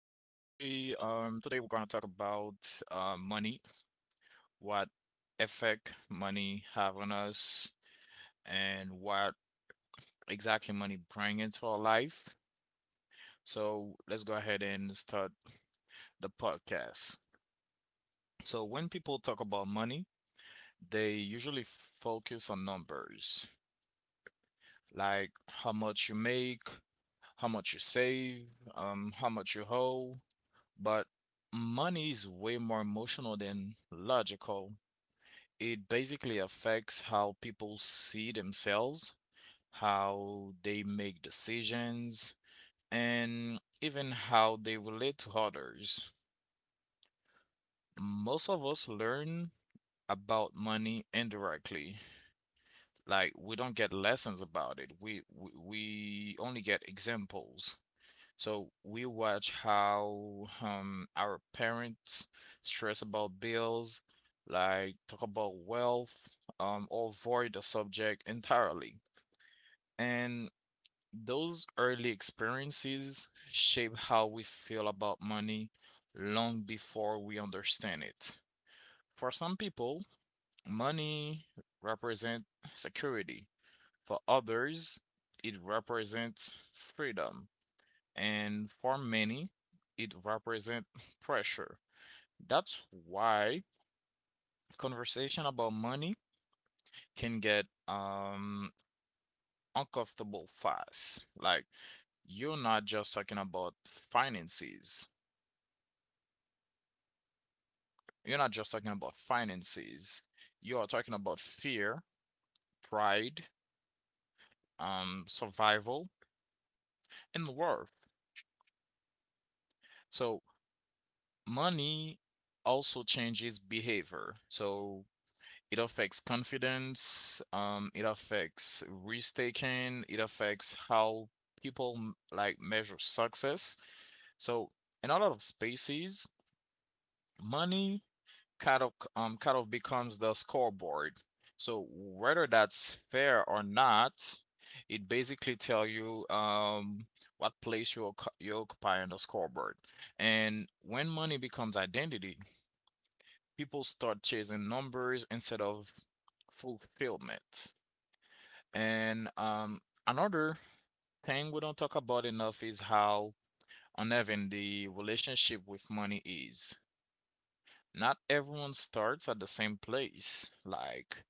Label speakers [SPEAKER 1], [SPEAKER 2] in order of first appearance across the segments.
[SPEAKER 1] Today we're gonna talk about money, what effect money have on us, and what exactly money bring into our life. So let's go ahead and start the podcast. So when people talk about money, they usually focus on numbers, like how much you make, how much you save, how much you owe, but money is way more emotional than logical. It basically affects how people see themselves, how they make decisions, and even how they relate to others. Most of us learn about money indirectly. Like we don't get lessons about it. We only get examples. So we watch how our parents stress about bills, like talk about wealth, or avoid the subject entirely. And those early experiences shape how we feel about money long before we understand it. For some people, money represents security. For others, it represents freedom, and for many, it represents pressure. That's why conversation about money can get uncomfortable fast. Like, you're not just talking about finances. You're not just talking about finances. You are talking about fear, pride, survival, and worth. So money also changes behavior. So it affects confidence, it affects risk taking, it affects how people like measure success. So in a lot of spaces, money kind of becomes the scoreboard. So whether that's fair or not, it basically tell you what place you you occupy on the scoreboard. And when money becomes identity, people start chasing numbers instead of fulfillment. And another thing we don't talk about enough is how uneven the relationship with money is. Not everyone starts at the same place, like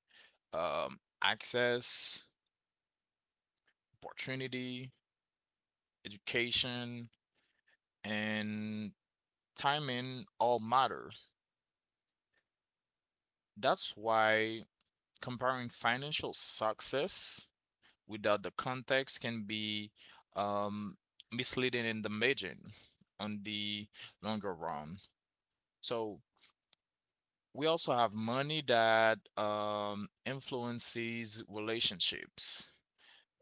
[SPEAKER 1] um, access, opportunity, education, and timing all matter. That's why comparing financial success without the context can be um, misleading in the margin on the longer run. So we also have money that influences relationships.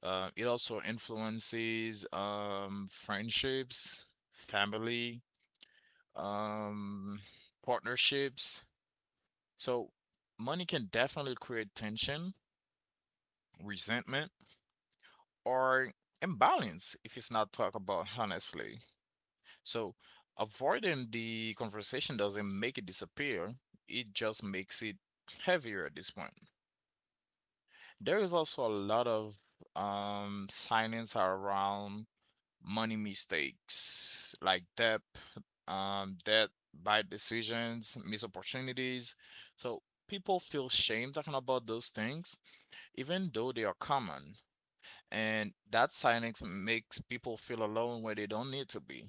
[SPEAKER 1] It also influences friendships, family, um, partnerships. So money can definitely create tension, resentment, or imbalance if it's not talked about honestly. So avoiding the conversation doesn't make it disappear, it just makes it heavier at this point. There is also a lot of silence around money mistakes like debt, bad decisions, missed opportunities. So people feel shame talking about those things, even though they are common. And that silence makes people feel alone where they don't need to be.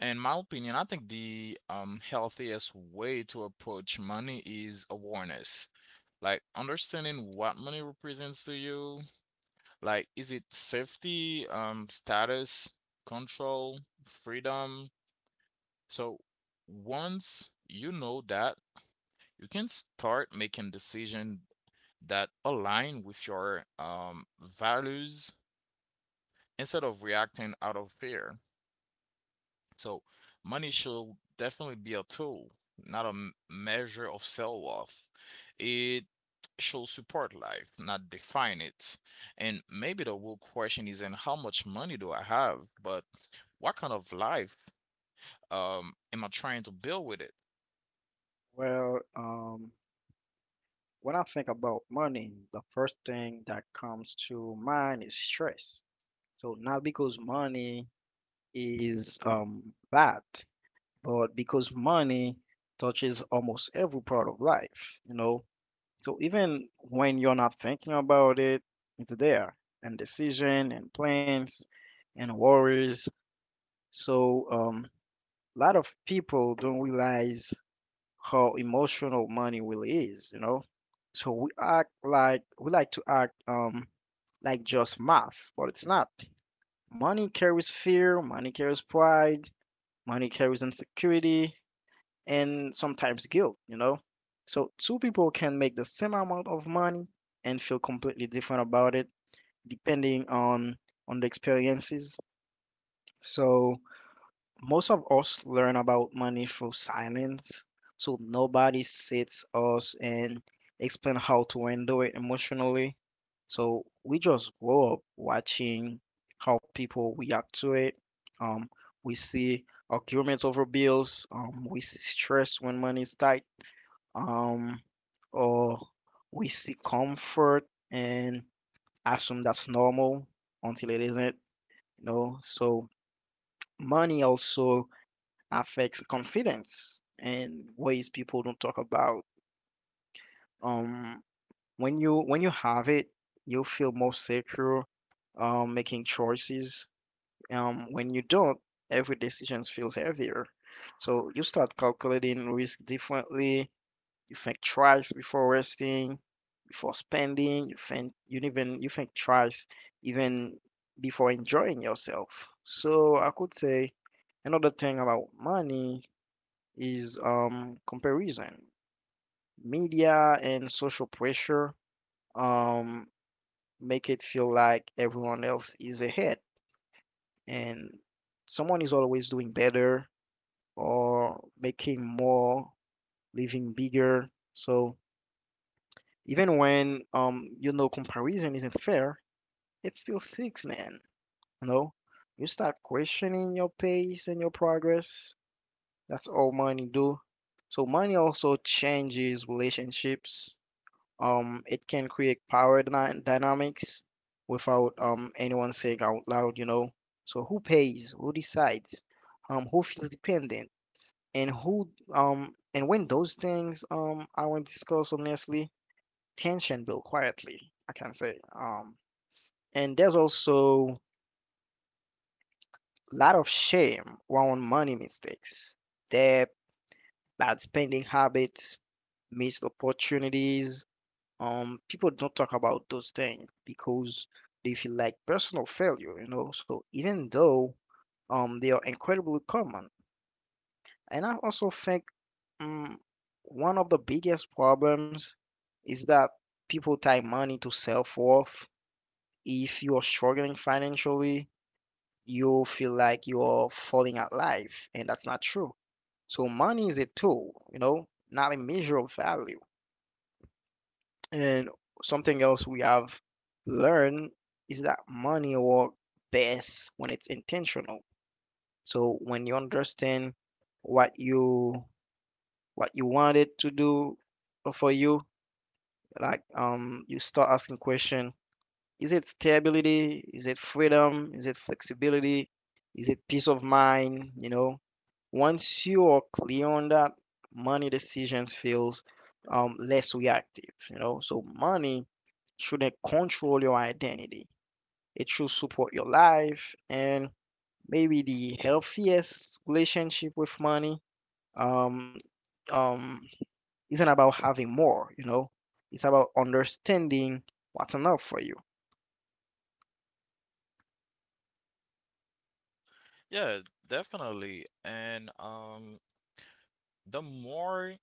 [SPEAKER 1] In my opinion, I think the healthiest way to approach money is awareness. Like understanding what money represents to you. Like, is it safety, status, control, freedom? So once you know that, you can start making decisions that align with your values instead of reacting out of fear. So money should definitely be a tool, not a measure of self worth. It should support life, not define it. And maybe the real question isn't how much money do I have, but what kind of life am I trying to build with it?
[SPEAKER 2] Well, um, when I think about money, the first thing that comes to mind is stress. So not because money is bad, but because money touches almost every part of life, you know. So even when you're not thinking about it, it's there, and decision and plans and worries. So a lot of people don't realize how emotional money really is, you know? So we act like we like to act like just math, but it's not. Money carries fear, money carries pride, money carries insecurity, and sometimes guilt, you know? So two people can make the same amount of money and feel completely different about it depending on the experiences. So most of us learn about money through silence, so nobody sits us and explain how to handle it emotionally. So we just grow up watching how people react to it. Um, we see arguments over bills. We see stress when money is tight. Um, or we see comfort and assume that's normal until it isn't. You know, so money also affects confidence in ways people don't talk about. Um, when you have it, you feel more secure, making choices. When you don't, every decision feels heavier. So you start calculating risk differently. You think twice before resting, before spending. You think twice even before enjoying yourself. So I could say another thing about money is comparison. Media and social pressure um, make it feel like everyone else is ahead and someone is always doing better or making more, living bigger. So even when you know comparison isn't fair, it still sticks, man. You know, you start questioning your pace and your progress. That's all money do. So money also changes relationships. It can create power dynamics without anyone saying out loud, you know. So who pays? Who decides? Who feels dependent? And who and when those things aren't discussed honestly, tension build quietly, I can say. And there's also a lot of shame around money mistakes, debt, bad spending habits, missed opportunities. People don't talk about those things because they feel like personal failure, you know, so even though they are incredibly common. And I also think, um, one of the biggest problems is that people tie money to self-worth. If you are struggling financially, you feel like you are falling at life, and that's not true. So money is a tool, you know, not a measure of value. And something else we have learned is that money works best when it's intentional. So when you understand what you what you want it to do for you, like you start asking question, is it stability? Is it freedom? Is it flexibility? Is it peace of mind? You know, once you are clear on that, money decisions feels less reactive, you know. So money shouldn't control your identity. It should support your life, and maybe the healthiest relationship with money, um, um, isn't about having more, you know, it's about understanding what's enough for you.
[SPEAKER 1] Yeah, definitely. And the more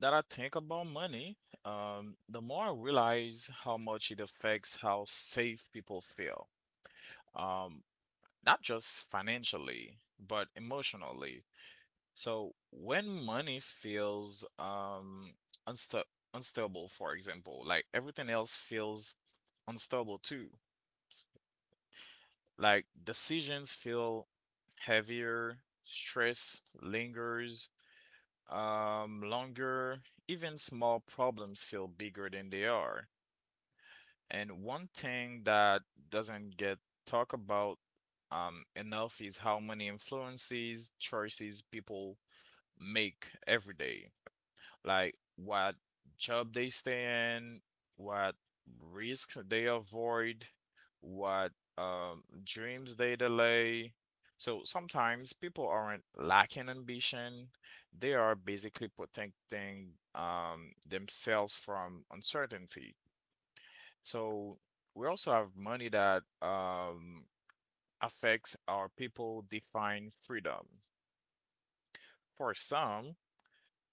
[SPEAKER 1] that I think about money, the more I realize how much it affects how safe people feel, Um, not just financially, but emotionally. So when money feels unsta unstable, for example, like everything else feels unstable too. Like decisions feel heavier, stress lingers longer, even small problems feel bigger than they are. And one thing that doesn't get talked about enough is how many influences, choices people make every day. Like what job they stay in, what risks they avoid, what dreams they delay. So sometimes people aren't lacking ambition. They are basically protecting themselves from uncertainty. So we also have money that affects how people define freedom. For some,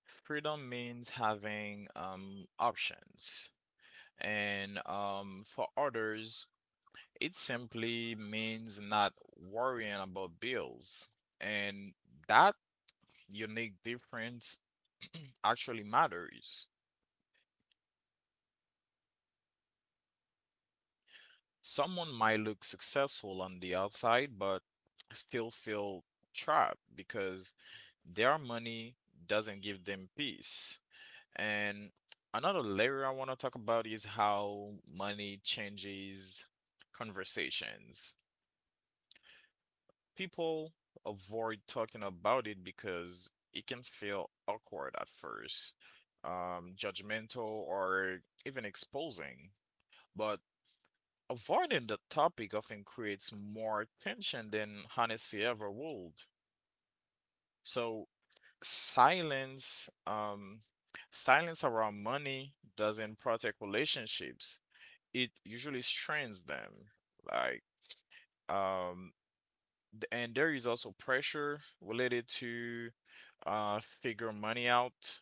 [SPEAKER 1] freedom means having options, and for others, it simply means not worrying about bills. And that unique difference actually matters. Someone might look successful on the outside, but still feel trapped because their money doesn't give them peace. And another layer I want to talk about is how money changes conversations. People avoid talking about it because it can feel awkward at first, judgmental, or even exposing. But avoiding the topic often creates more tension than honesty ever would. So silence, um, silence around money doesn't protect relationships. It usually strains them. Like, um, and there is also pressure related to figure money out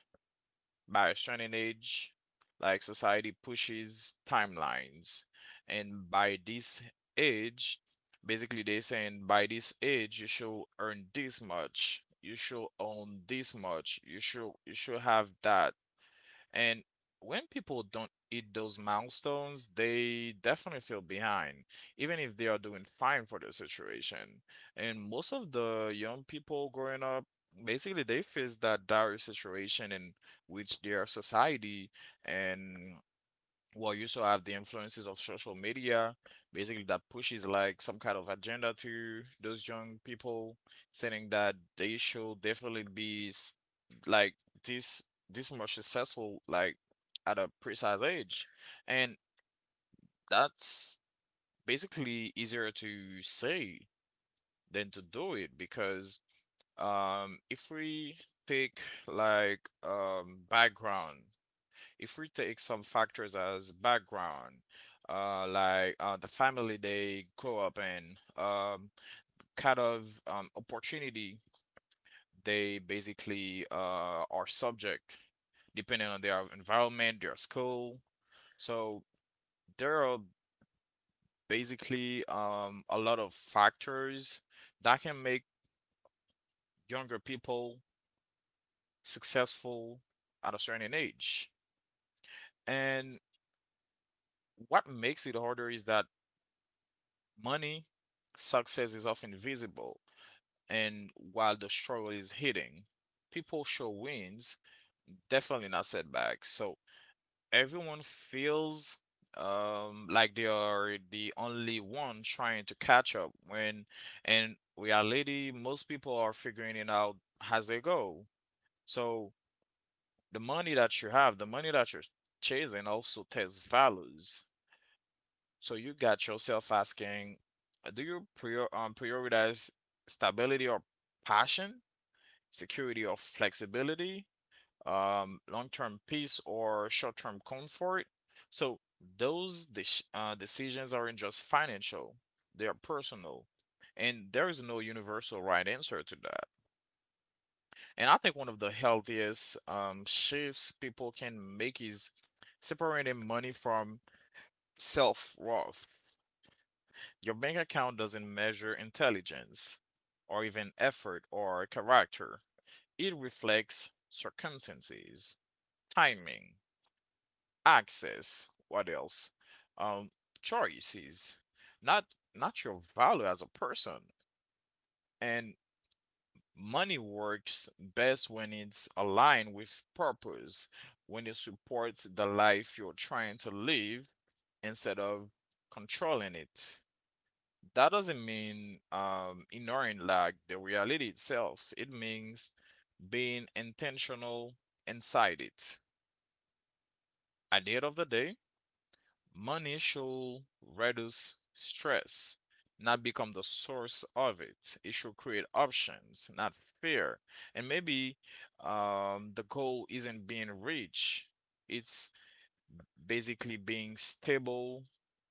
[SPEAKER 1] by a certain age, like society pushes timelines. And by this age, basically they're saying by this age you should earn this much, you should own this much, you should have that. And when people don't hit those milestones, they definitely feel behind, even if they are doing fine for the situation. And most of the young people growing up, basically they face that dire situation in which their society and, well, you also have the influences of social media, basically that pushes like some kind of agenda to those young people, saying that they should definitely like this this much successful like at a precise age. And that's basically easier to say than to do it because if we take like background if we take some factors as background, like the family they grow up in, um, kind of opportunity they basically are subject, depending on their environment, their school. So there are basically a lot of factors that can make younger people successful at a certain age. And what makes it harder is that money, success is often visible, and while the struggle is hidden, people show wins, definitely not setbacks. So everyone feels like they are the only one trying to catch up when in reality most people are figuring it out as they go. So the money that you have, the money that you're chasing also tests values. So you got yourself asking, do you prioritize stability or passion, security or flexibility, long-term peace or short-term comfort? So those decisions aren't just financial; they are personal, and there is no universal right answer to that. And I think one of the healthiest shifts people can make is separating money from self-worth. Your bank account doesn't measure intelligence or even effort or character. It reflects circumstances, timing, access, what else? Um, Choices, not your value as a person. And money works best when it's aligned with purpose, when it supports the life you're trying to live instead of controlling it. That doesn't mean ignoring like the reality itself. It means being intentional inside it. At the end of the day, money should reduce stress, not become the source of it. It should create options, not fear. And maybe the goal isn't being rich. It's basically being stable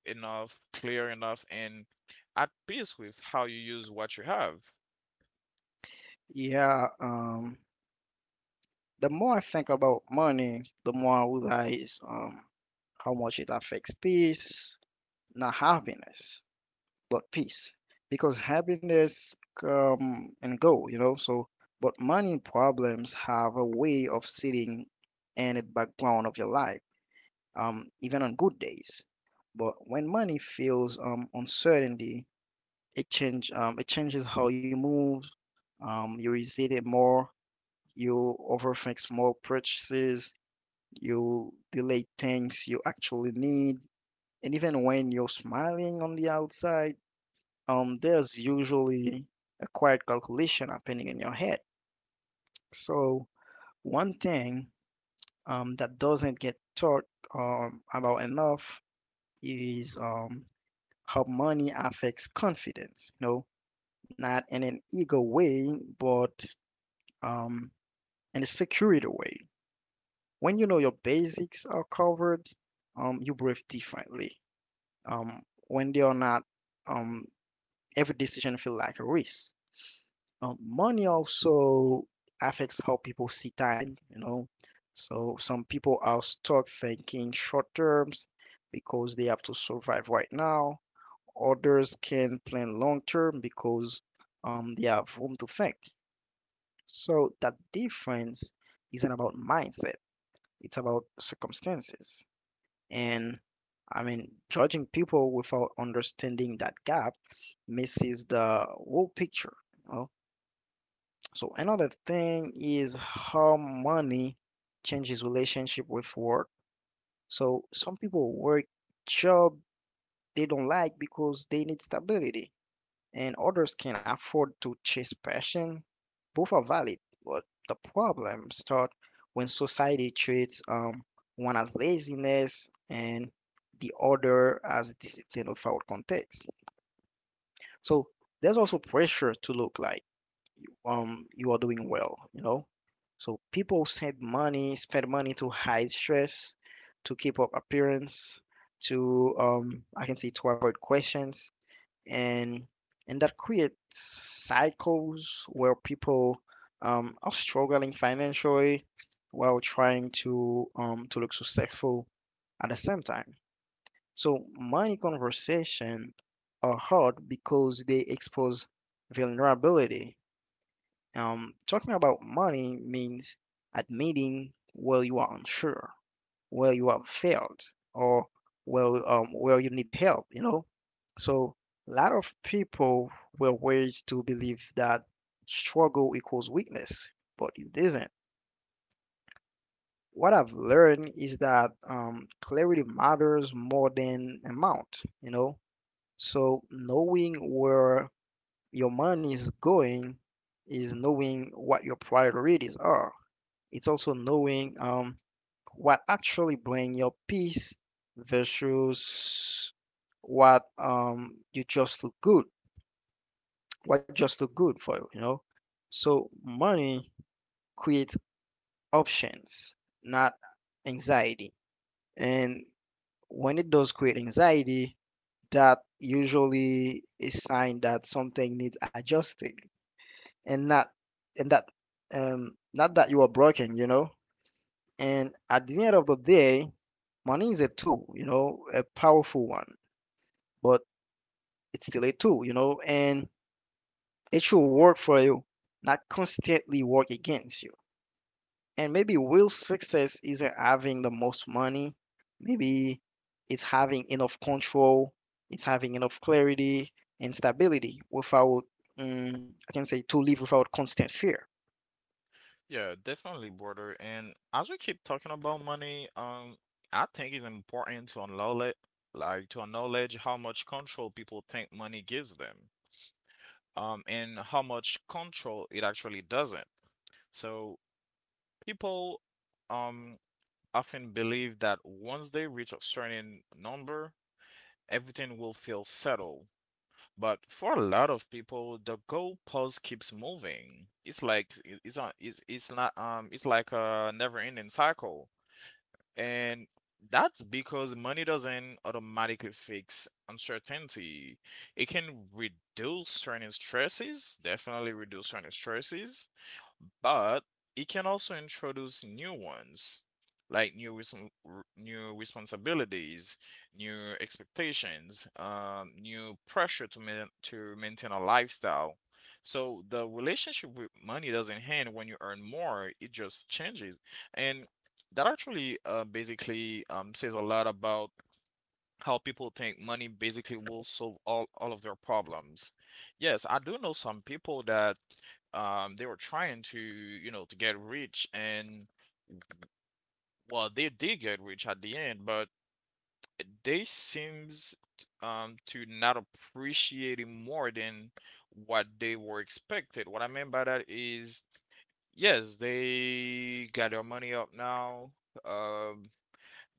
[SPEAKER 1] enough, clear enough, and at peace with how you use what you have.
[SPEAKER 2] Yeah, the more I think about money, the more I realize how much it affects peace, not happiness. About peace, because happiness come and go, you know. So, but money problems have a way of sitting in the background of your life, even on good days. But when money feels uncertainty, it changes how you move. You resist it more. You overthink small purchases. You delay things you actually need. And even when you're smiling on the outside, there's usually a quiet calculation happening in your head. So, one thing, that doesn't get talked about enough is, how money affects confidence, you know, not in an ego way, but um, in a security way. When you know your basics are covered, you breathe differently. Um, when they are not, um, every decision feels like a risk. Money also affects how people see time, you know. So some people are stuck thinking short terms because they have to survive right now. Others can plan long term because they have room to think. So that difference isn't about mindset, it's about circumstances. And I mean, judging people without understanding that gap misses the whole picture, you know? So another thing is how money changes relationship with work. So some people work job they don't like because they need stability, and others can afford to chase passion. Both are valid, but the problem start when society treats one as laziness and the other as discipline without context. So there's also pressure to look like you are doing well, you know. So people send money spend money to hide stress, to keep up appearance, to I can say to avoid questions, and that creates cycles where people are struggling financially while trying to look successful at the same time. So money conversation are hard because they expose vulnerability. Talking about money means admitting where you are unsure, where you have failed, or where you need help, you know. So a lot of people were raised to believe that struggle equals weakness, but it doesn't. What I've learned is that clarity matters more than amount, you know. So knowing where your money is going is knowing what your priorities are. It's also knowing what actually brings your peace versus what you just look good, what just look good for you, you know. So money creates options, not anxiety. And when it does create anxiety, that usually is sign that something needs adjusting, and not and that not that you are broken, you know. And at the end of the day, money is a tool, you know, a powerful one, but it's still a tool, you know, and it should work for you, not constantly work against you. And maybe real success isn't having the most money. Maybe it's having enough control, it's having enough clarity and stability without, I can say, to live without constant fear.
[SPEAKER 1] Yeah, definitely, brother. And as we keep talking about money, I think it's important to acknowledge how much control people think money gives them, and how much control it actually doesn't. So people, um, often believe that once they reach a certain number, everything will feel settled. But for a lot of people, the goalpost keeps moving. It's like it's not. It's like a never-ending cycle. And that's because money doesn't automatically fix uncertainty. It can reduce certain stresses, definitely reduce certain stresses, but it can also introduce new ones, like new responsibilities, new expectations, new pressure to maintain a lifestyle. So the relationship with money doesn't end when you earn more; it just changes, and that actually basically says a lot about how people think money basically will solve all of their problems. Yes, I do know some people that they were trying to, you know, to get rich, and well, they did get rich at the end, but they seems to not appreciate it more than what they were expected. What I mean by that is, yes, they got their money up now. Um,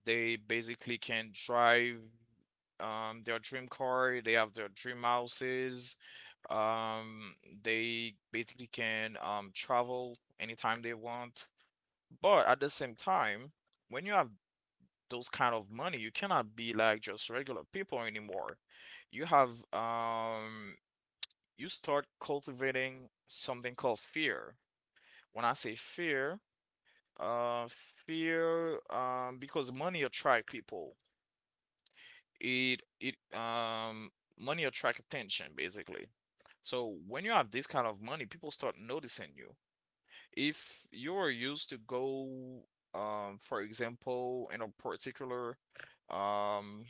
[SPEAKER 1] They basically can drive their dream car. They have their dream houses. Um, they basically can travel anytime they want. But at the same time, when you have those kind of money, you cannot be like just regular people anymore. You have you start cultivating something called fear. When I say fear, fear because money attract people. It Money attract attention basically. So when you have this kind of money, people start noticing you. If you are used to go, for example, in a particular um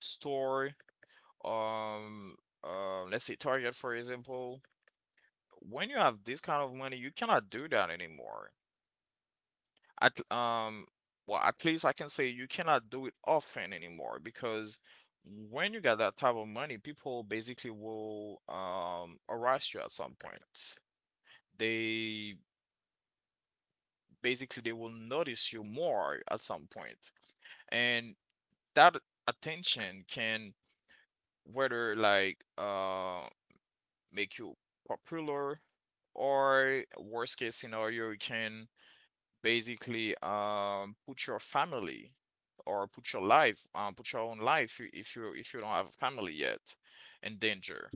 [SPEAKER 1] store, um, let's say Target, for example, when you have this kind of money, you cannot do that anymore. At Well, at least I can say you cannot do it often anymore, because when you got that type of money, people basically will harass you at some point. They basically they will notice you more at some point, and that attention can whether like make you popular, or worst case scenario it can basically put your family, or put your life, put your own life if you don't have a family yet in danger.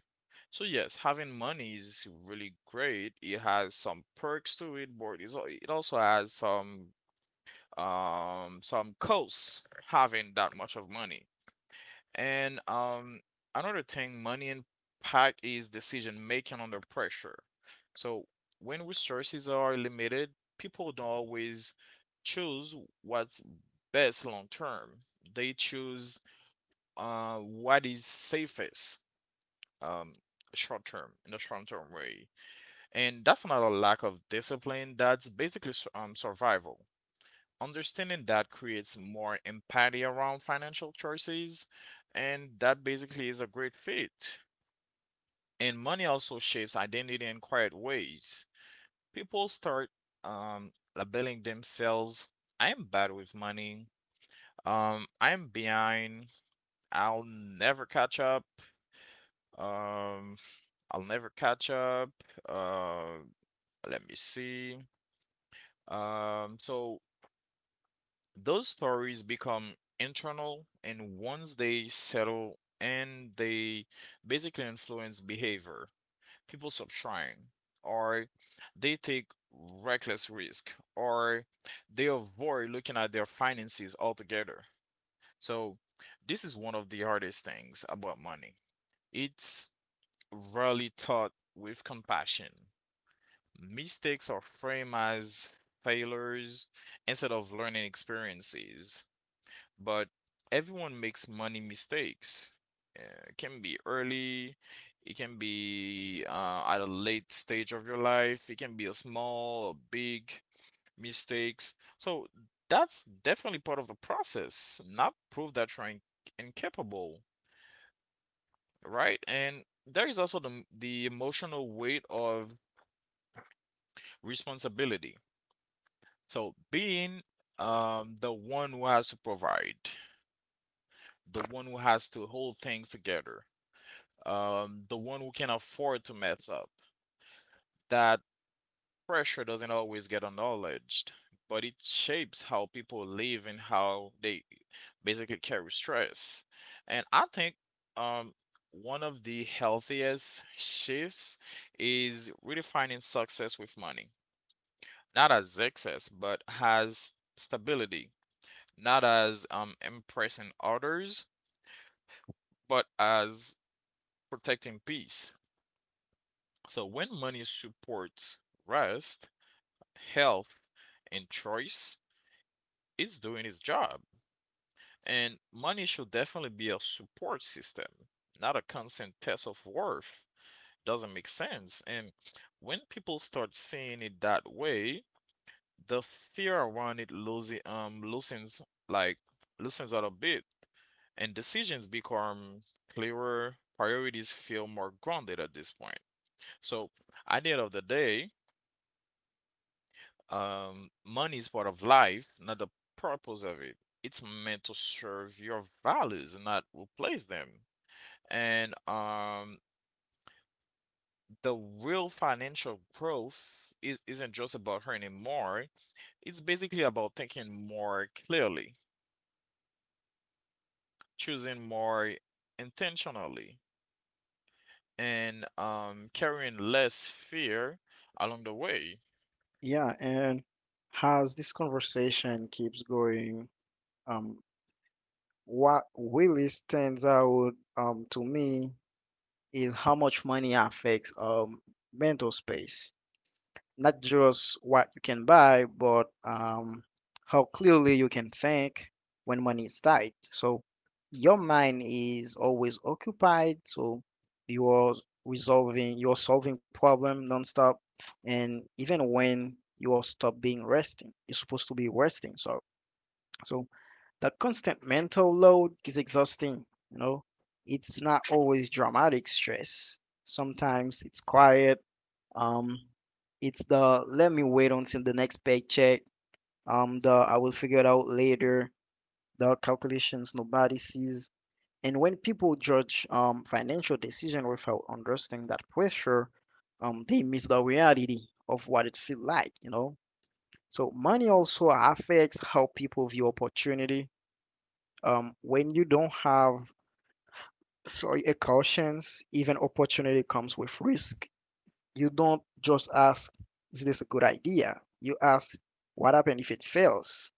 [SPEAKER 1] So yes, having money is really great. It has some perks to it, but it also has some some costs having that much of money. And another thing money impact is decision making under pressure. So when resources are limited, people don't always choose what's best long term. They choose what is safest um, short term in the short term way, and that's not a lack of discipline. That's basically survival. Understanding that creates more empathy around financial choices, and that basically is a great fit. And money also shapes identity in quiet ways. People start labeling themselves: I am bad with money, I'm behind, I'll never catch up, um, I'll never catch up, uh, let me see. So those stories become internal, and once they settle and they basically influence behavior, people stop trying, or they take reckless risk, or they avoid looking at their finances altogether. So, this is one of the hardest things about money. It's rarely taught with compassion. Mistakes are framed as failures instead of learning experiences, but everyone makes money mistakes. It can be early, it can be at a late stage of your life, it can be a small or big mistakes. So that's definitely part of the process, not prove that you're incapable, right? And there is also the the emotional weight of responsibility. So being the one who has to provide, the one who has to hold things together, the one who can afford to mess up. That pressure doesn't always get acknowledged, but it shapes how people live and how they basically carry stress. And I think um, one of the healthiest shifts is redefining success with money, not as excess, but as stability, not as impressing others, but as protecting peace. So when money supports rest, health and choice, is doing its job. And money should definitely be a support system, not a constant test of worth. Doesn't make sense. And when people start seeing it that way, the fear around it like loosens out a bit, and decisions become clearer, priorities feel more grounded at this point. So at the end of the day, money is part of life, not the purpose of it. It's meant to serve your values, not replace them. And the real financial growth isn't just about earning more. It's basically about thinking more clearly, choosing more intentionally, and carrying less fear along the way.
[SPEAKER 2] Yeah, and as this conversation keeps going, um, what really stands out to me is how much money affects mental space, not just what you can buy, but how clearly you can think when money is tight. So your mind is always occupied, so you are you're solving problem nonstop, and even when you are stop being resting, you're supposed to be resting. So that constant mental load is exhausting. You know, it's not always dramatic stress. Sometimes it's quiet, um, it's the let me wait until the next paycheck. The I will figure it out later. The calculations nobody sees. And when people judge financial decision without understanding that pressure, they miss the reality of what it feels like, you know. So money also affects how people view opportunity. When you don't have, sorry, a cautions, even opportunity comes with risk. You don't just ask, is this a good idea? You ask, what happens if it fails?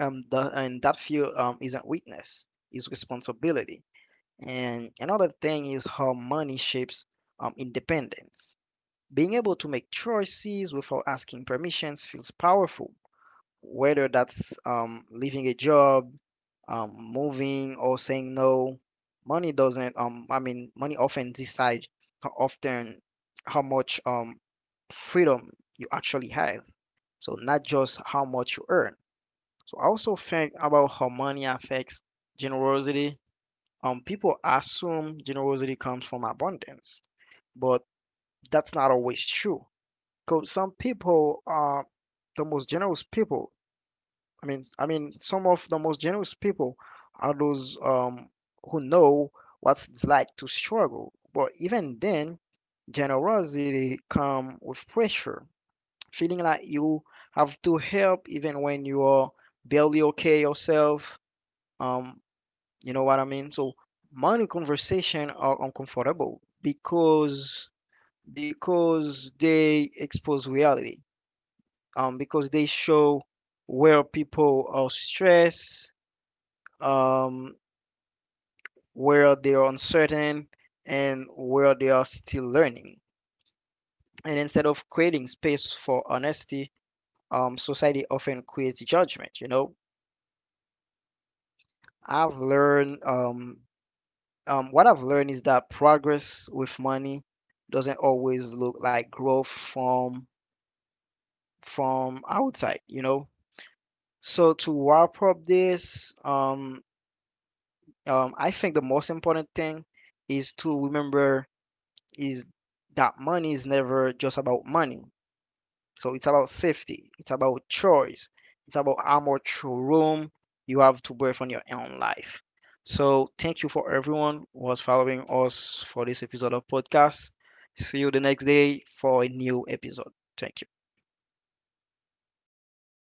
[SPEAKER 2] And that fear isn't weakness, it's responsibility. And another thing is how money shapes independence. Being able to make choices without asking permissions feels powerful, whether that's leaving a job, moving, or saying no. Money doesn't. I mean, Money often decides often how much freedom you actually have. So not just how much you earn. So I also think about how money affects generosity. People assume generosity comes from abundance, but that's not always true. Because some people are the most generous people I mean, some of the most generous people are those who know what it's like to struggle. But even then, generosity comes with pressure, feeling like you have to help even when you are barely okay yourself. Um, you know what I mean? So money conversation are uncomfortable because they expose reality. Because they show where people are stressed, um, where they are uncertain, and where they are still learning. And instead of creating space for honesty, society often creates judgment, you know. I've learned what I've learned is that progress with money doesn't always look like growth from outside, you know. So to wrap up this, I think the most important thing is to remember is that money is never just about money. So it's about safety, it's about choice, it's about how much room you have to breathe on your own life. So thank you for everyone who was following us for this episode of podcast. See you the next day for a new episode. Thank you.